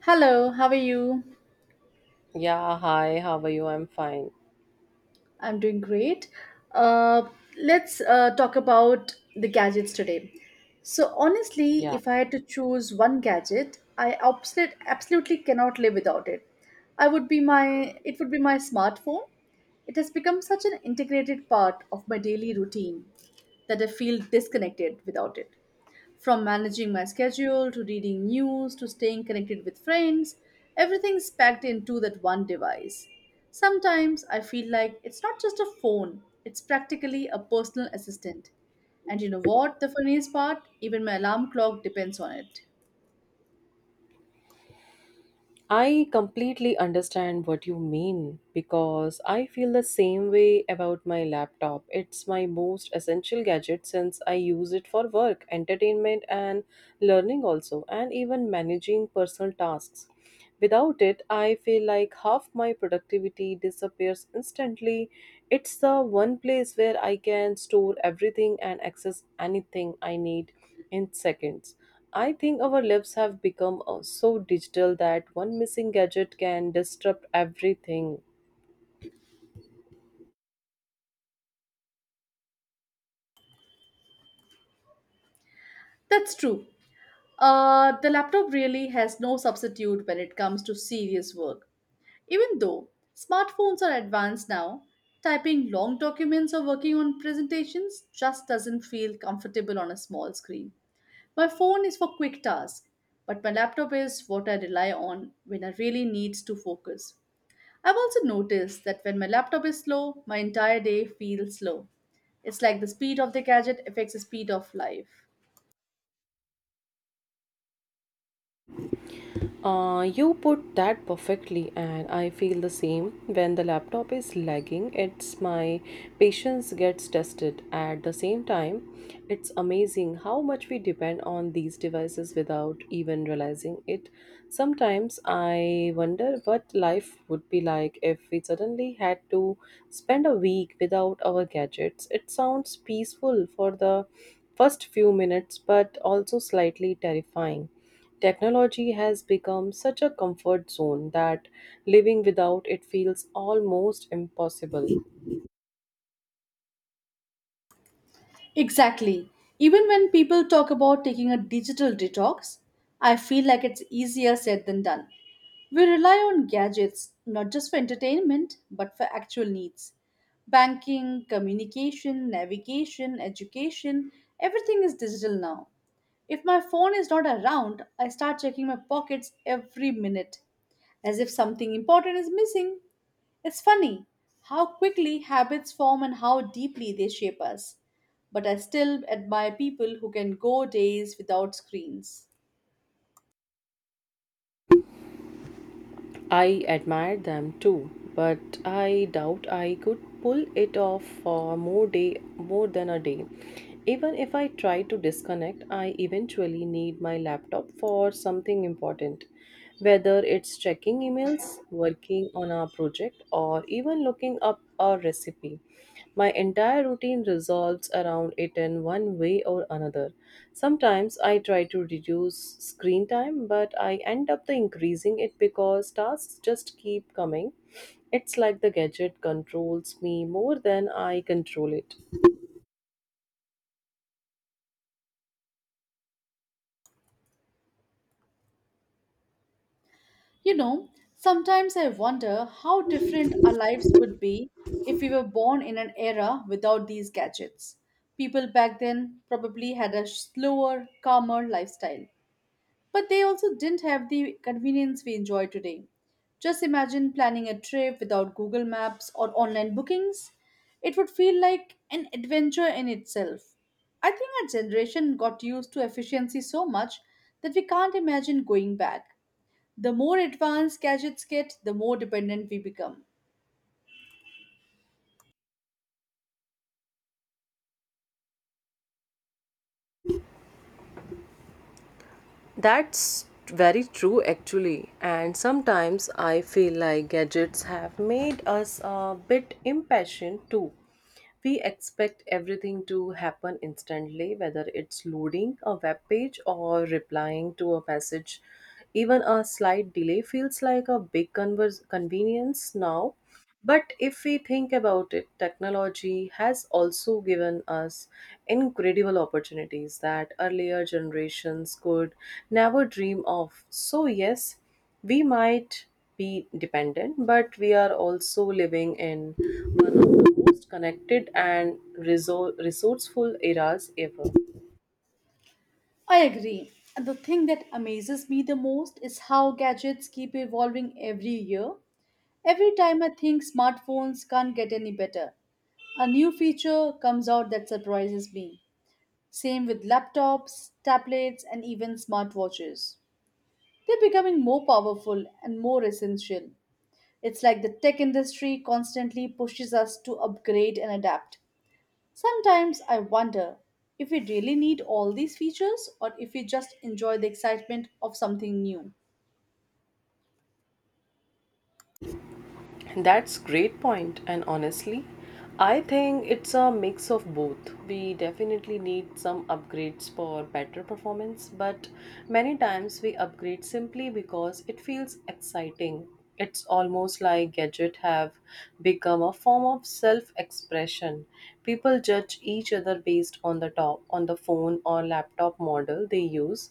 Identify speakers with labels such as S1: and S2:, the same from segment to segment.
S1: Hello, how are you?
S2: Yeah, hi, how are you? I'm fine.
S1: I'm doing great. Uh, let's talk about the gadgets today. So, honestly,
S2: Yeah,
S1: if I had to choose one gadget, I absolutely cannot live without it. I would be my It would be my smartphone. It has become such an integrated part of my daily routine that I feel disconnected without it. From managing my schedule to reading news to staying connected with friends, everything's packed into that one device. Sometimes I feel like it's not just a phone, it's practically a personal assistant. And you know what? The funniest part, even my alarm clock depends on it.
S2: I completely understand what you mean because I feel the same way about my laptop. It's my most essential gadget since I use it for work, entertainment, and learning also, and even managing personal tasks. Without it, I feel like half my productivity disappears instantly. It's the one place where I can store everything and access anything I need in seconds. I think our lives have become so digital that one missing gadget can disrupt everything.
S1: That's true. The laptop really has no substitute when it comes to serious work. Even though smartphones are advanced now, typing long documents or working on presentations just doesn't feel comfortable on a small screen. My phone is for quick tasks, but my laptop is what I rely on when I really need to focus. I've also noticed that when my laptop is slow, my entire day feels slow. It's like the speed of the gadget affects the speed of life.
S2: You put that perfectly, and I feel the same. When the laptop is lagging, it's my patience gets tested. At the same time, it's amazing how much we depend on these devices without even realizing it. Sometimes I wonder what life would be like if we suddenly had to spend a week without our gadgets. It sounds peaceful for the first few minutes, but also slightly terrifying. Technology has become such a comfort zone that living without it feels almost impossible.
S1: Exactly. Even when people talk about taking a digital detox, I feel like it's easier said than done. We rely on gadgets not just for entertainment but for actual needs. Banking, communication, navigation, education, everything is digital now. If my phone is not around, I start checking my pockets every minute as if something important is missing. It's funny how quickly habits form and how deeply they shape us. But I still admire people who can go days without screens.
S2: I admire them too, but I doubt I could pull it off for more than a day. Even if I try to disconnect, I eventually need my laptop for something important, whether it's checking emails, working on a project, or even looking up a recipe. My entire routine resolves around it in one way or another. Sometimes I try to reduce screen time, but I end up the increasing it because tasks just keep coming. It's like the gadget controls me more than I control it.
S1: You know, sometimes I wonder how different our lives would be if we were born in an era without these gadgets. People back then probably had a slower, calmer lifestyle. But they also didn't have the convenience we enjoy today. Just imagine planning a trip without Google Maps or online bookings. It would feel like an adventure in itself. I think our generation got used to efficiency so much that we can't imagine going back. The more advanced gadgets get, the more dependent we become.
S2: That's very true, actually. And sometimes I feel like gadgets have made us a bit impatient too. We expect everything to happen instantly, whether it's loading a web page or replying to a message, even a slight delay feels like a big convenience now. But if we think about it, technology has also given us incredible opportunities that earlier generations could never dream of. So, yes, we might be dependent, but we are also living in one of the most connected and resourceful eras ever.
S1: I agree. And the thing that amazes me the most is how gadgets keep evolving every year. Every time I think smartphones can't get any better, a new feature comes out that surprises me. Same with laptops, tablets, and even smartwatches. They're becoming more powerful and more essential. It's like the tech industry constantly pushes us to upgrade and adapt. Sometimes I wonder if we really need all these features or if we just enjoy the excitement of something new.
S2: That's great point, and honestly I think it's a mix of both. We definitely need some upgrades for better performance, but many times we upgrade simply because it feels exciting. It's almost like gadget have become a form of self-expression. People judge each other based on the top on the phone or laptop model they use.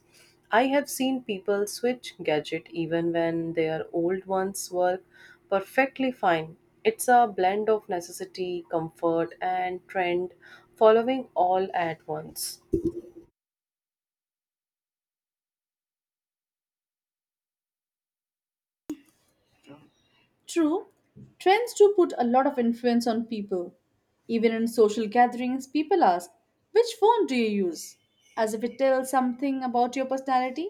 S2: I have seen people switch gadget even when their old ones work perfectly fine. It's a blend of necessity, comfort, and trend, following all at once.
S1: True, trends do put a lot of influence on people. Even in social gatherings, people ask, "Which phone do you use?" as if it tells something about your personality.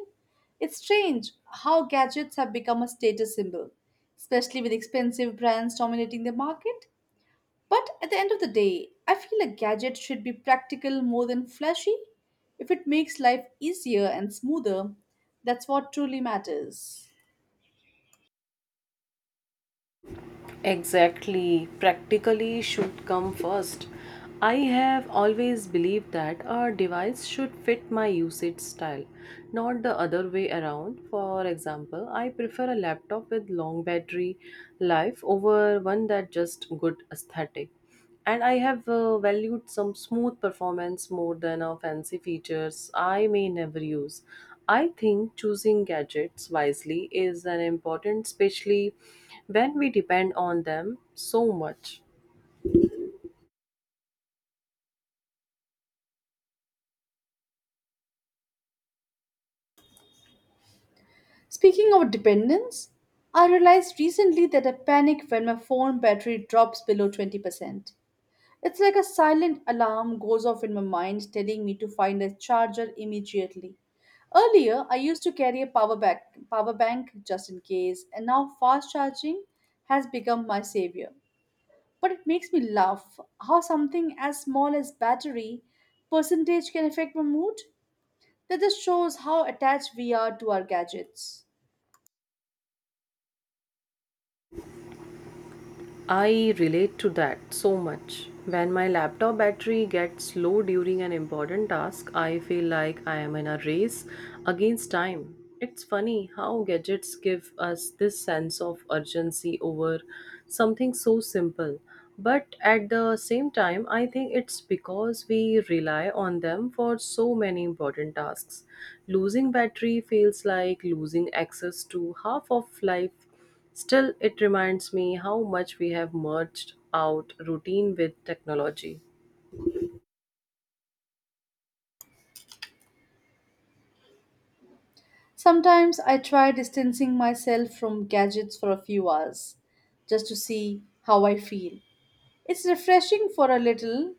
S1: It's strange how gadgets have become a status symbol, especially with expensive brands dominating the market. But at the end of the day, I feel a gadget should be practical more than flashy. If it makes life easier and smoother, that's what truly matters.
S2: Exactly, practically should come first. I have always believed that a device should fit my usage style, not the other way around. For example, I prefer a laptop with long battery life over one that just good aesthetic, and I have valued some smooth performance more than a fancy features I may never use. I think choosing gadgets wisely is an important, especially when we depend on them so much.
S1: Speaking of dependence, I realized recently that I panic when my phone battery drops below 20%. It's like a silent alarm goes off in my mind telling me to find a charger immediately. Earlier, I used to carry a power bank just in case, and now fast charging has become my savior. But it makes me laugh how something as small as battery percentage can affect my mood. That just shows how attached we are to our gadgets.
S2: I relate to that so much. When my laptop battery gets low during an important task, I feel like I am in a race against time. It's funny how gadgets give us this sense of urgency over something so simple. But at the same time, I think it's because we rely on them for so many important tasks. Losing battery feels like losing access to half of life. Still, it reminds me how much we have merged out routine with technology.
S1: Sometimes I try distancing myself from gadgets for a few hours just to see how I feel. It's refreshing for a little,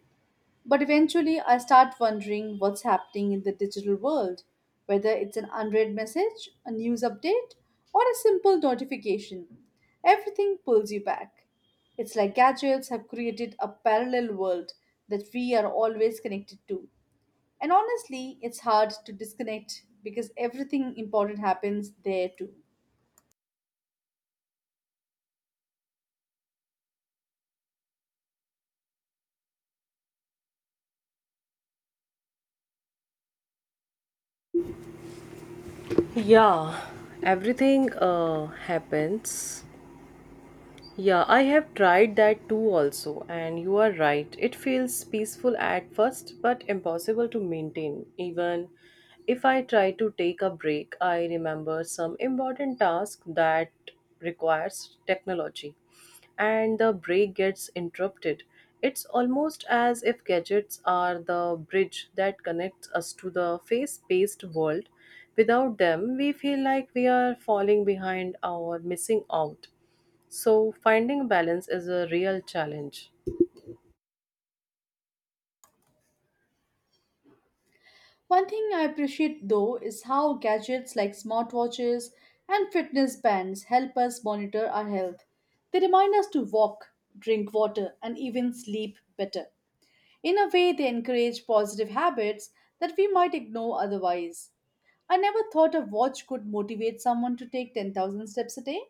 S1: but eventually I start wondering what's happening in the digital world, whether it's an unread message, a news update, or a simple notification. Everything pulls you back. It's like gadgets have created a parallel world that we are always connected to. And honestly, it's hard to disconnect because everything important happens there too.
S2: Yeah, everything happens Yeah, I have tried that too also, and you are right. It feels peaceful at first, but impossible to maintain. Even if I try to take a break, I remember some important task that requires technology, and the break gets interrupted. It's almost as if gadgets are the bridge that connects us to the face based world. Without them, we feel like we are falling behind or missing out, so finding balance is a real challenge.
S1: One thing I appreciate though is how gadgets like smartwatches and fitness bands help us monitor our health. They remind us to walk, drink water, and even sleep better. In a way, they encourage positive habits that we might ignore otherwise. I never thought a watch could motivate someone to take 10,000 steps a day.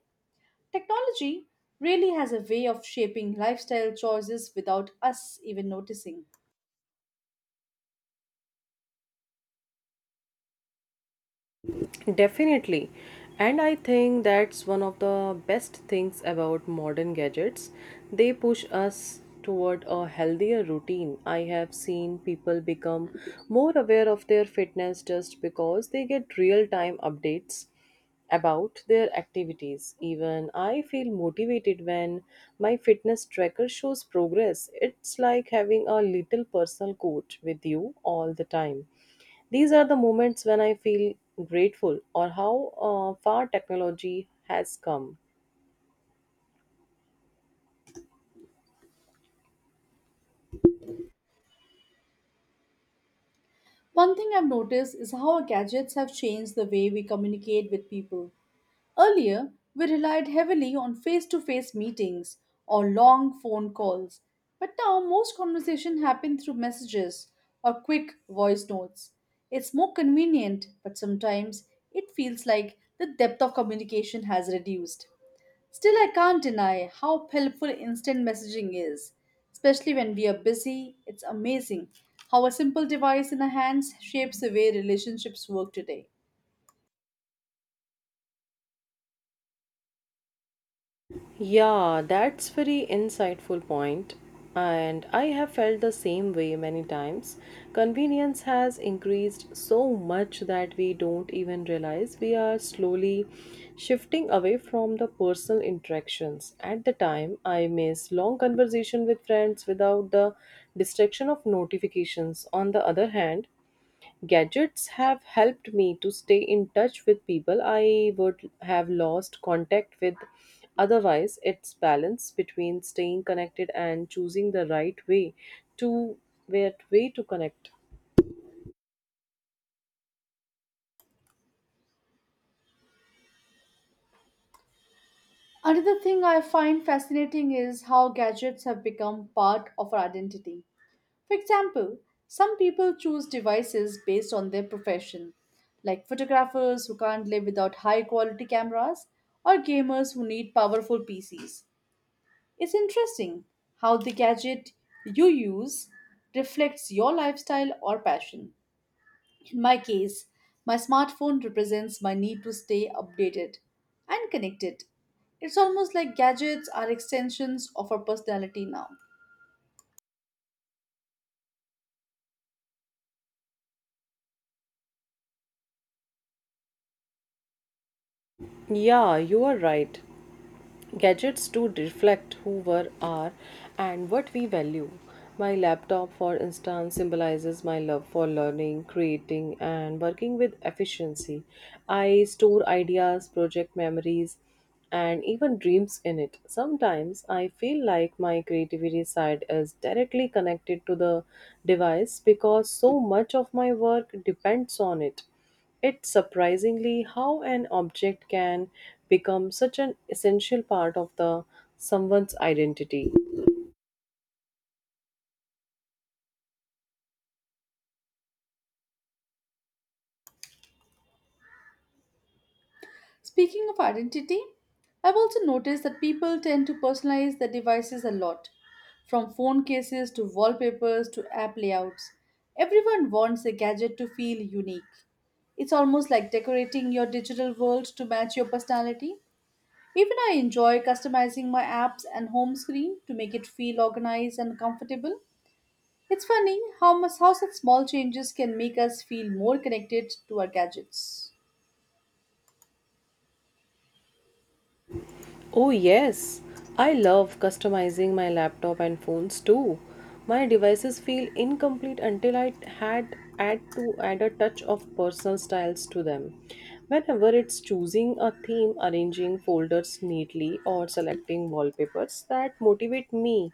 S1: Technology really has a way of shaping lifestyle choices without us even noticing.
S2: Definitely. And I think that's one of the best things about modern gadgets. They push us toward a healthier routine. I have seen people become more aware of their fitness just because they get real time updates about their activities. Even I feel motivated when my fitness tracker shows progress. It's like having a little personal coach with you all the time. These are the moments when I feel grateful or how far technology has come.
S1: One thing I've noticed is how our gadgets have changed the way we communicate with people. Earlier, we relied heavily on face to face meetings or long phone calls, but now most conversations happen through messages or quick voice notes. It's more convenient, but sometimes it feels like the depth of communication has reduced. Still, I can't deny how helpful instant messaging is, especially when we are busy. It's amazing how a simple device in our hands shapes the way relationships work today.
S2: Yeah, that's very insightful point, and I have felt the same way many times. Convenience has increased so much that we don't even realize we are slowly shifting away from the personal interactions. At the time, I miss long conversation with friends without the distraction of notifications. On the other hand, gadgets have helped me to stay in touch with people I would have lost contact with. Otherwise, it's balance between staying connected and choosing the to right way to connect.
S1: Another thing I find fascinating is how gadgets have become part of our identity. For example, some people choose devices based on their profession, like photographers who can't live without high quality cameras, or gamers who need powerful PCs. It's interesting how the gadget you use reflects your lifestyle or passion. In my case, my smartphone represents my need to stay updated and connected. It's almost like gadgets are extensions of our personality now.
S2: Yeah, you are right. Gadgets to reflect who we are and what we value. My laptop, for instance, symbolizes my love for learning, creating, and working with efficiency. I store ideas, project memories, and even dreams in it. Sometimes I feel like my creativity side is directly connected to the device because so much of my work depends on it. It's surprisingly how an object can become such an essential part of the someone's identity.
S1: Speaking of identity, I've also noticed that people tend to personalize their devices a lot, from phone cases to wallpapers to app layouts. Everyone wants a gadget to feel unique. It's almost like decorating your digital world to match your personality. Even I enjoy customizing my apps and home screen to make it feel organized and comfortable. It's funny how such small changes can make us feel more connected to our gadgets.
S2: Oh yes, I love customizing my laptop and phones too. My devices feel incomplete until I had add to add a touch of personal styles to them. Whenever it's choosing a theme, arranging folders neatly, or selecting wallpapers that motivate me.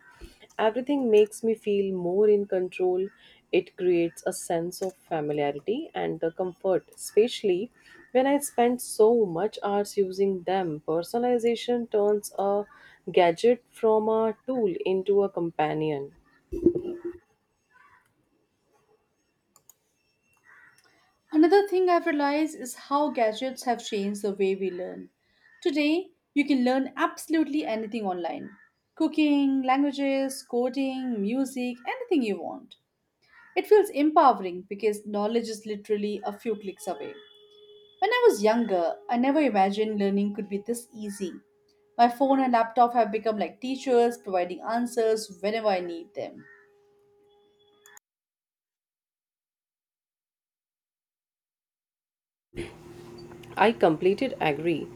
S2: Everything makes me feel more in control. It creates a sense of familiarity and the comfort, especially when I spend so much hours using them. Personalization turns a gadget from a tool into a companion.
S1: Another thing I've realized is how gadgets have changed the way we learn. Today, you can learn absolutely anything online, cooking, languages, coding, music, anything you want. It feels empowering because knowledge is literally a few clicks away. When I was younger, I never imagined learning could be this easy. My phone and laptop have become like teachers, providing answers whenever I need them.
S2: I completed agree.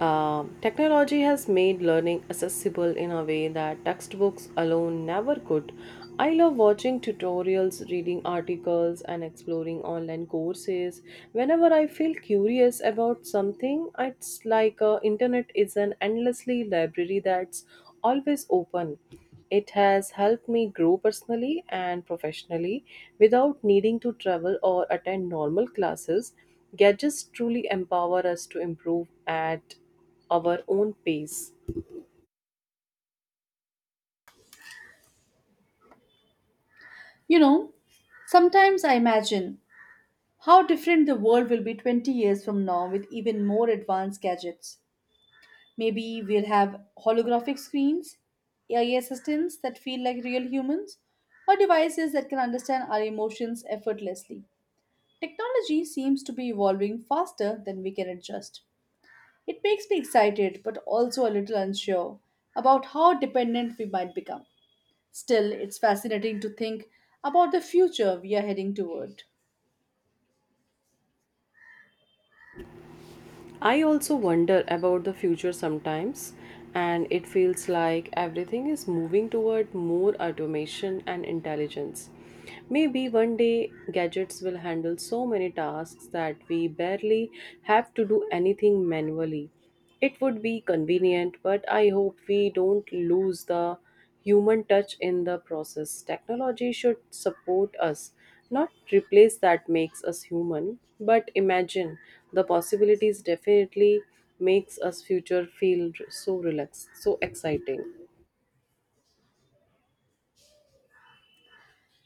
S2: Technology has made learning accessible in a way that textbooks alone never could. I love watching tutorials, reading articles, and exploring online courses. Whenever I feel curious about something, it's like internet is an endlessly library that's always open. It has helped me grow personally and professionally without needing to travel or attend normal classes. Gadgets truly empower us to improve at our own pace.
S1: You know, sometimes I imagine how different the world will be 20 years from now with even more advanced gadgets. Maybe we'll have holographic screens, AI assistants that feel like real humans, or devices that can understand our emotions effortlessly. Technology seems to be evolving faster than we can adjust. It makes me excited but also a little unsure about how dependent we might become. Still, it's fascinating to think about the future we are heading toward.
S2: I also wonder about the future sometimes, and it feels like everything is moving toward more automation and intelligence. Maybe one day gadgets will handle so many tasks that we barely have to do anything manually. It would be convenient, but I hope we don't lose the human touch in the process. Technology should support us, not replace that makes us human. But imagine the possibilities definitely makes us future feel so relaxed, so exciting.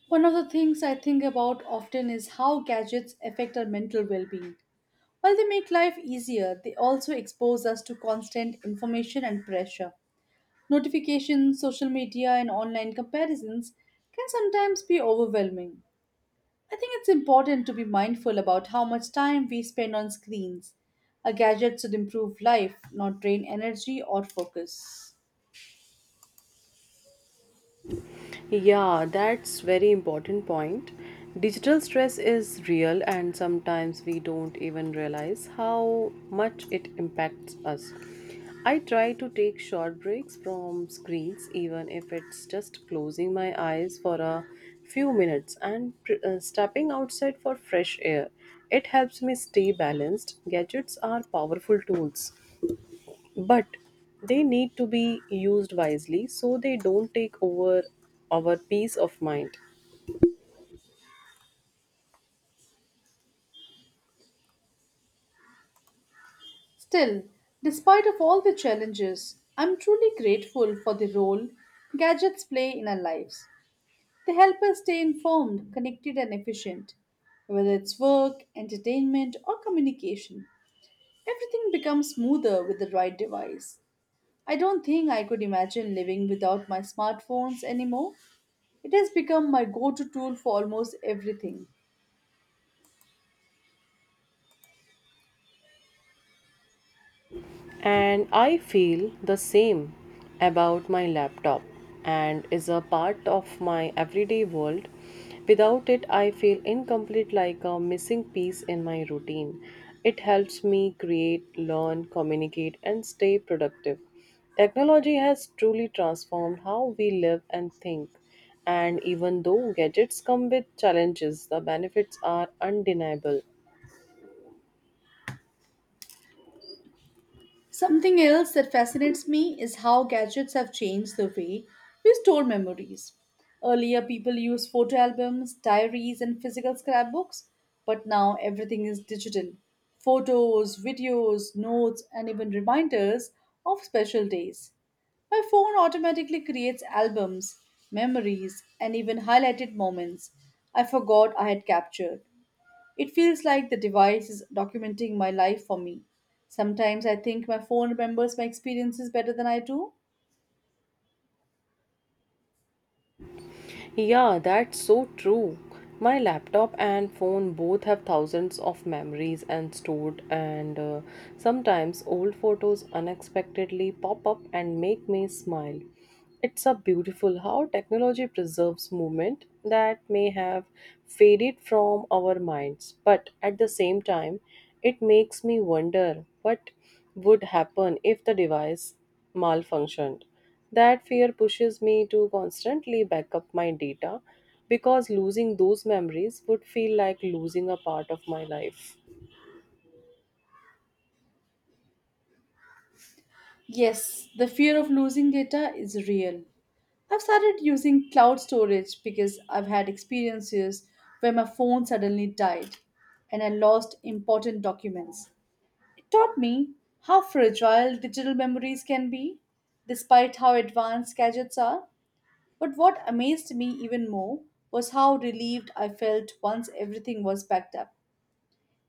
S1: One of the things I think about often is how gadgets affect our mental well being. While they make life easier, they also expose us to constant information and pressure. Notifications, social media, and online comparisons can sometimes be overwhelming. I think it's important to be mindful about how much time we spend on screens. A gadget should improve life, not drain energy or focus.
S2: Yeah, that's very important point. Digital stress is real and sometimes we don't even realize how much it impacts us. I try to take short breaks from screens even if it's just closing my eyes for a few minutes and stepping outside for fresh air. It helps me stay balanced. Gadgets are powerful tools, but they need to be used wisely so they don't take over our peace of mind.
S1: Still, despite of all the challenges, I'm truly grateful for the role gadgets play in our lives. They help us stay informed, connected and efficient. Whether it's work, entertainment or communication, everything becomes smoother with the right device. I don't think I could imagine living without my smartphones anymore. It has become my go-to tool for almost everything.
S2: And I feel the same about my laptop and is a part of my everyday world. Without it, I feel incomplete like a missing piece in my routine. It helps me create, learn, communicate, and stay productive. Technology has truly transformed how we live and think. And even though gadgets come with challenges, the benefits are undeniable.
S1: Something else that fascinates me is how gadgets have changed the way we store memories. Earlier, people used photo albums, diaries, and physical scrapbooks, but now everything is digital. Photos, videos, notes, and even reminders of special days. My phone automatically creates albums, memories, and even highlighted moments I forgot I had captured. It feels like the device is documenting my life for me. Sometimes I think my phone remembers my experiences better than I do.
S2: Yeah, that's so true. My laptop and phone both have thousands of memories and stored, and sometimes old photos unexpectedly pop up and make me smile. It's a beautiful how technology preserves movement that may have faded from our minds, but at the same time, it makes me wonder what would happen if the device malfunctioned. That fear pushes me to constantly back up my data because losing those memories would feel like losing a part of my life.
S1: Yes, the fear of losing data is real. I've started using cloud storage because I've had experiences where my phone suddenly died and I lost important documents. It taught me how fragile digital memories can be, despite how advanced gadgets are. But what amazed me even more was how relieved I felt once everything was packed up.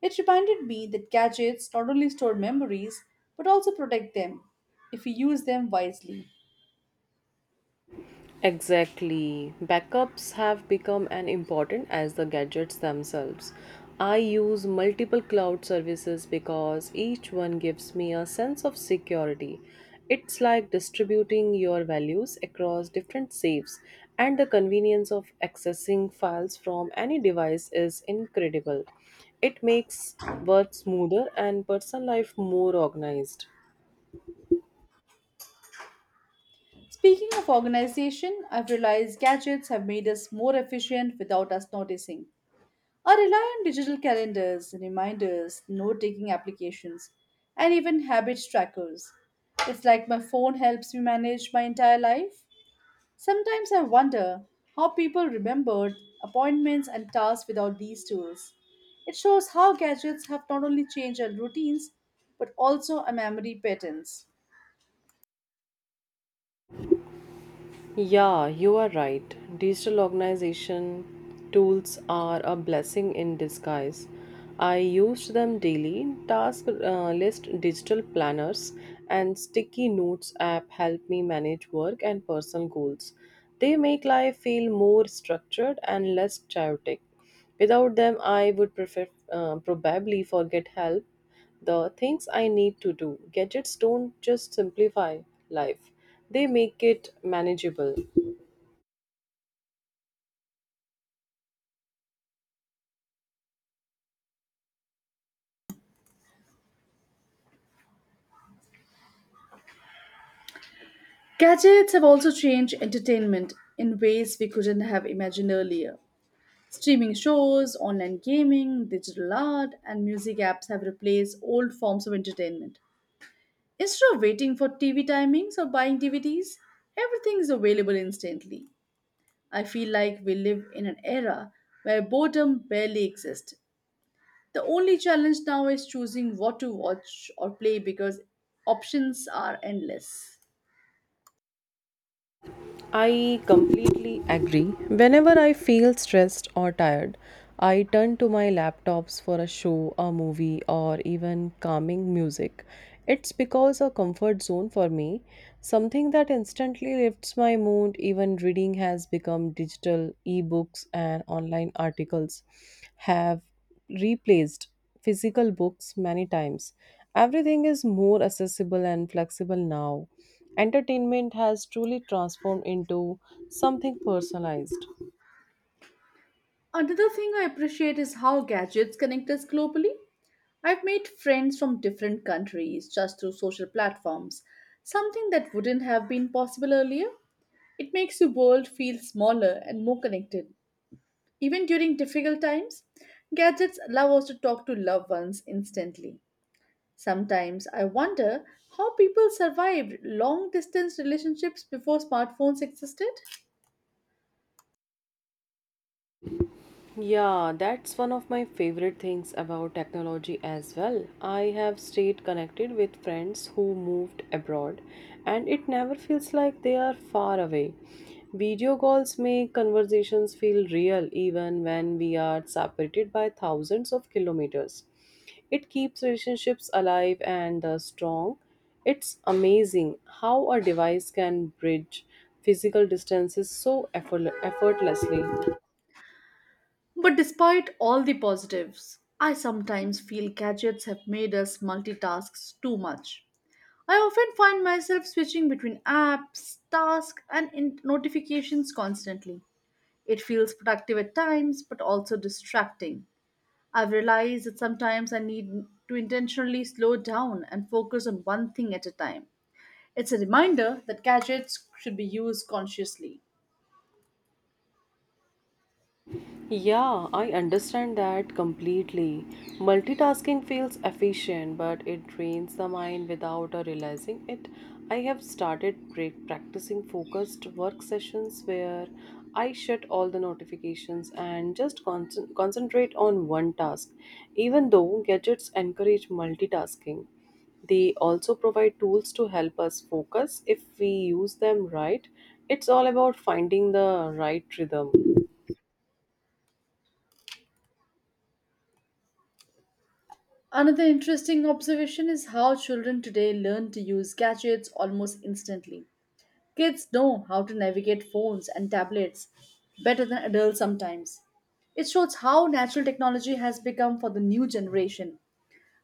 S1: It reminded me that gadgets not only store memories but also protect them if we use them wisely.
S2: Exactly. Backups have become as important as the gadgets themselves. I use multiple cloud services because each one gives me a sense of security. It's like distributing your values across different safes, and the convenience of accessing files from any device is incredible. It makes work smoother and personal life more organized.
S1: Speaking of organization, I've realized gadgets have made us more efficient without us noticing. I rely on digital calendars, reminders, note taking applications, and even habit trackers. It's like my phone helps me manage my entire life. Sometimes I wonder how people remembered appointments and tasks without these tools. It shows how gadgets have not only changed our routines but also our memory patterns.
S2: Yeah, you are right. Digital organization tools are a blessing in disguise. I used them daily. Task list, digital planners, and sticky notes app help me manage work and personal goals. They make life feel more structured and less chaotic. Without them, I would prefer, probably forget help the things I need to do. Gadgets don't just simplify life, they make it manageable.
S1: Gadgets have also changed entertainment in ways we couldn't have imagined earlier. Streaming shows, online gaming, digital art, and music apps have replaced old forms of entertainment. Instead of waiting for TV timings or buying DVDs, everything is available instantly. I feel like we live in an era where boredom barely exists. The only challenge now is choosing what to watch or play because options are endless.
S2: I completely agree. Whenever I feel stressed or tired, I turn to my laptops for a show, a movie, or even calming music. It's because a comfort zone for me, something that instantly lifts my mood. Even reading has become digital, ebooks and online articles have replaced physical books many times. Everything is more accessible and flexible now. Entertainment has truly transformed into something personalized.
S1: Another thing I appreciate is how gadgets connect us globally. I've made friends from different countries just through social platforms, something that wouldn't have been possible earlier. It makes the world feel smaller and more connected. Even during difficult times, gadgets allow us to talk to loved ones instantly. Sometimes I wonder how people survived long distance relationships before smartphones existed.
S2: Yeah, that's one of my favorite things about technology as well. I have stayed connected with friends who moved abroad, and it never feels like they are far away. Video calls make conversations feel real even when we are separated by thousands of kilometers. It keeps relationships alive and strong. It's amazing how a device can bridge physical distances so effortlessly.
S1: But despite all the positives, I sometimes feel gadgets have made us multitask too much. I often find myself switching between apps, tasks, and notifications constantly. It feels productive at times, but also distracting. I've realized that sometimes I need to intentionally slow down and focus on one thing at a time. It's a reminder that gadgets should be used consciously.
S2: Yeah, I understand that completely. Multitasking feels efficient, but it drains the mind without realizing it. I have started practicing focused work sessions where I shut all the notifications and just concentrate on one task. Even though gadgets encourage multitasking, they also provide tools to help us focus if we use them right. It's all about finding the right rhythm.
S1: Another interesting observation is how children today learn to use gadgets almost instantly. Kids know how to navigate phones and tablets better than adults sometimes. It shows how natural technology has become for the new generation,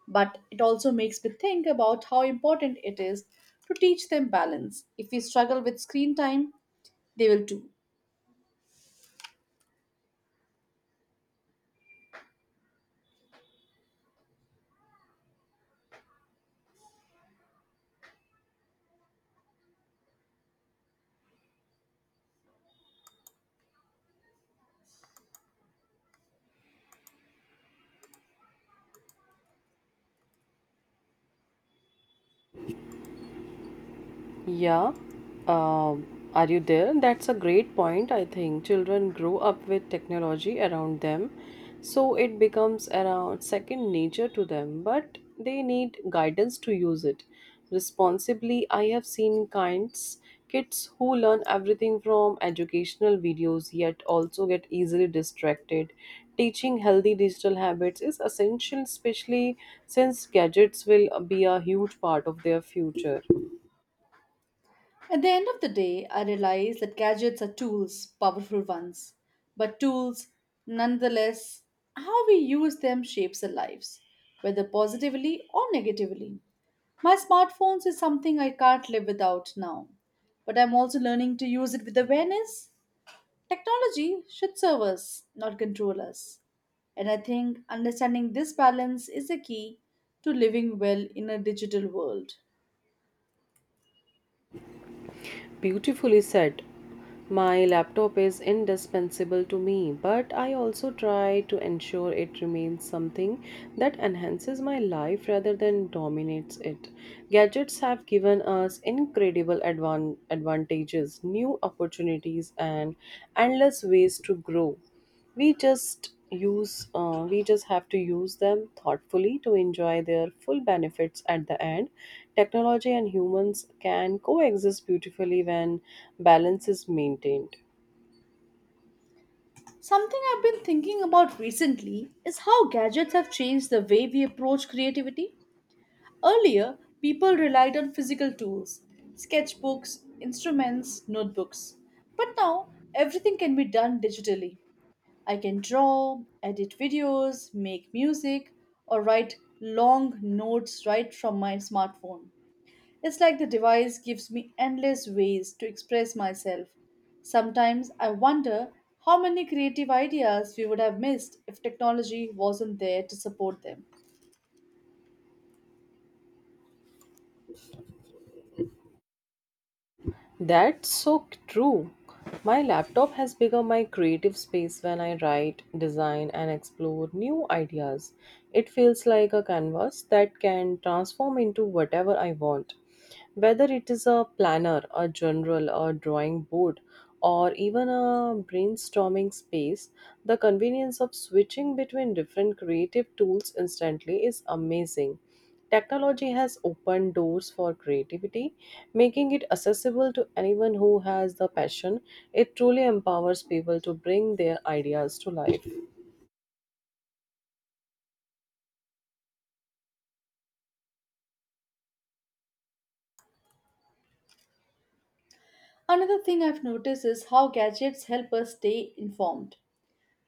S1: but it also makes me think about how important it is to teach them balance. If we struggle with screen time, they will too.
S2: Yeah. Um are you there? That's a great point. I think children grow up with technology around them, so it becomes around second nature to them, but they need guidance to use it responsibly. I have seen kinds kids who learn everything from educational videos yet also get easily distracted. Teaching healthy digital habits is essential, especially since gadgets will be a huge part of their future.
S1: At the end of the day, I realize that gadgets are tools, powerful ones, but tools, nonetheless, how we use them shapes our lives, whether positively or negatively. My smartphones is something I can't live without now, but I'm also learning to use it with awareness. Technology should serve us, not control us. And I think understanding this balance is the key to living well in a digital world.
S2: Beautifully said. My laptop is indispensable to me, but I also try to ensure it remains something that enhances my life rather than dominates it. Gadgets have given us incredible advantages, new opportunities, and endless ways to grow. We just use uh, we just have to use them thoughtfully to enjoy their full benefits. At the end, technology and humans can coexist beautifully when balance is maintained.
S1: Something I've been thinking about recently is how gadgets have changed the way we approach creativity. Earlier, people relied on physical tools, sketchbooks, instruments, notebooks. But now, everything can be done digitally. I can draw, edit videos, make music, or write long notes right from my smartphone. It's like the device gives me endless ways to express myself. Sometimes I wonder how many creative ideas we would have missed if technology wasn't there to support them.
S2: That's so true. My laptop has become my creative space when I write, design, and explore new ideas. It feels like a canvas that can transform into whatever I want. Whether it is a planner, a journal, a drawing board, or even a brainstorming space, the convenience of switching between different creative tools instantly is amazing. Technology has opened doors for creativity, making it accessible to anyone who has the passion. It truly empowers people to bring their ideas to life.
S1: Another thing I've noticed is how gadgets help us stay informed.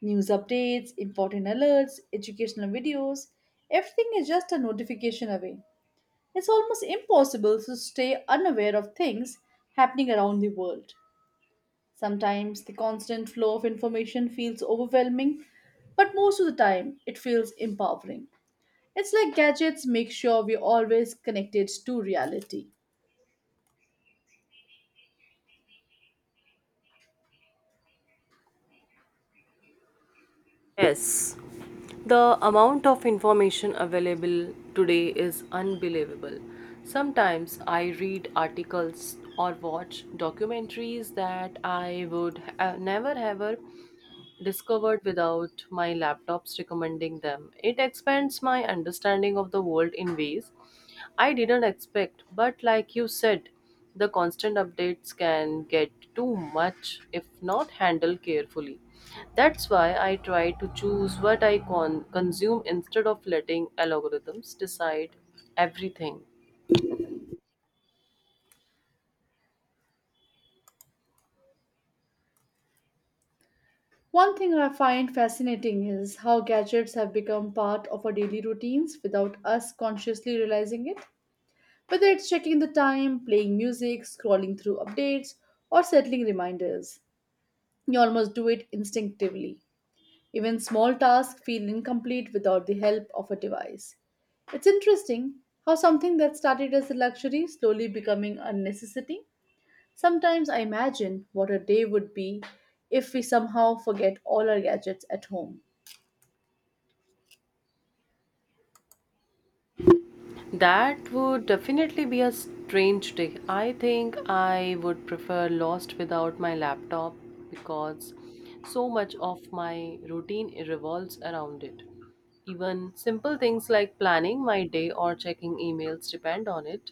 S1: News updates, important alerts, educational videos, everything is just a notification away. It's almost impossible to stay unaware of things happening around the world. Sometimes the constant flow of information feels overwhelming, but most of the time it feels empowering. It's like gadgets make sure we're always connected to reality.
S2: Yes, the amount of information available today is unbelievable. Sometimes I read articles or watch documentaries that I would never ever discovered without my laptop's recommending them. It expands my understanding of the world in ways I didn't expect, but like you said, the constant updates can get too much if not handled carefully. That's why I try to choose what I consume instead of letting algorithms decide everything.
S1: One thing I find fascinating is how gadgets have become part of our daily routines without us consciously realizing it. Whether it's checking the time, playing music, scrolling through updates, or settling reminders, you almost do it instinctively. Even small tasks feel incomplete without the help of a device. It's interesting how something that started as a luxury slowly becoming a necessity. Sometimes I imagine what a day would be if we somehow forget all our gadgets at home.
S2: That would definitely be a strange day. I think I would prefer lost without my laptop because so much of my routine revolves around it. Even simple things like planning my day or checking emails depend on it.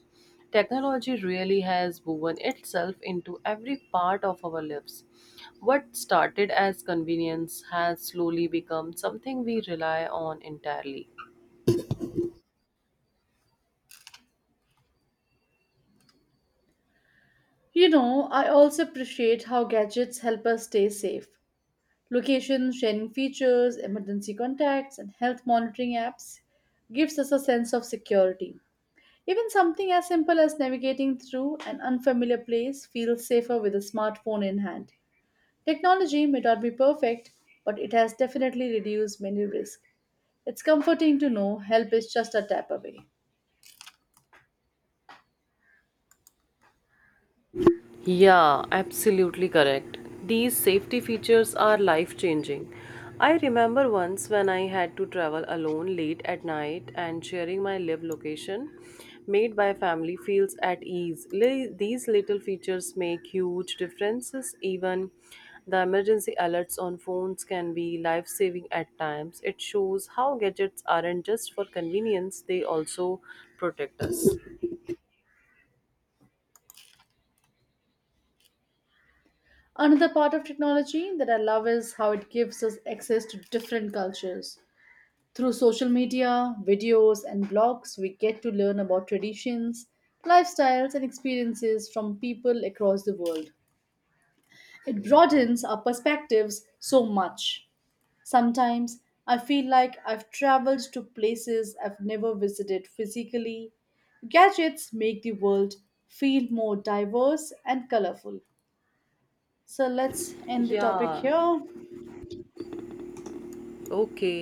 S2: Technology really has woven itself into every part of our lives. What started as convenience has slowly become something we rely on entirely.
S1: You know, I also appreciate how gadgets help us stay safe. Location sharing features, emergency contacts, and health monitoring apps gives us a sense of security. Even something as simple as navigating through an unfamiliar place feels safer with a smartphone in hand. Technology may not be perfect, but it has definitely reduced many risks. It's comforting to know help is just a tap away.
S2: Yeah, absolutely correct. These safety features are life changing. I remember once when I had to travel alone late at night, and sharing my live location made by family feels at ease. These little features make huge differences. Even the emergency alerts on phones can be life saving at times. It shows how gadgets aren't just for convenience, they also protect us.
S1: Another part of technology that I love is how it gives us access to different cultures. Through social media, videos, and blogs, we get to learn about traditions, lifestyles, and experiences from people across the world. It broadens our perspectives so much. Sometimes I feel like I've traveled to places I've never visited physically. Gadgets make the world feel more diverse and colorful. So let's end the topic
S2: Yeah,
S1: here.
S2: okay.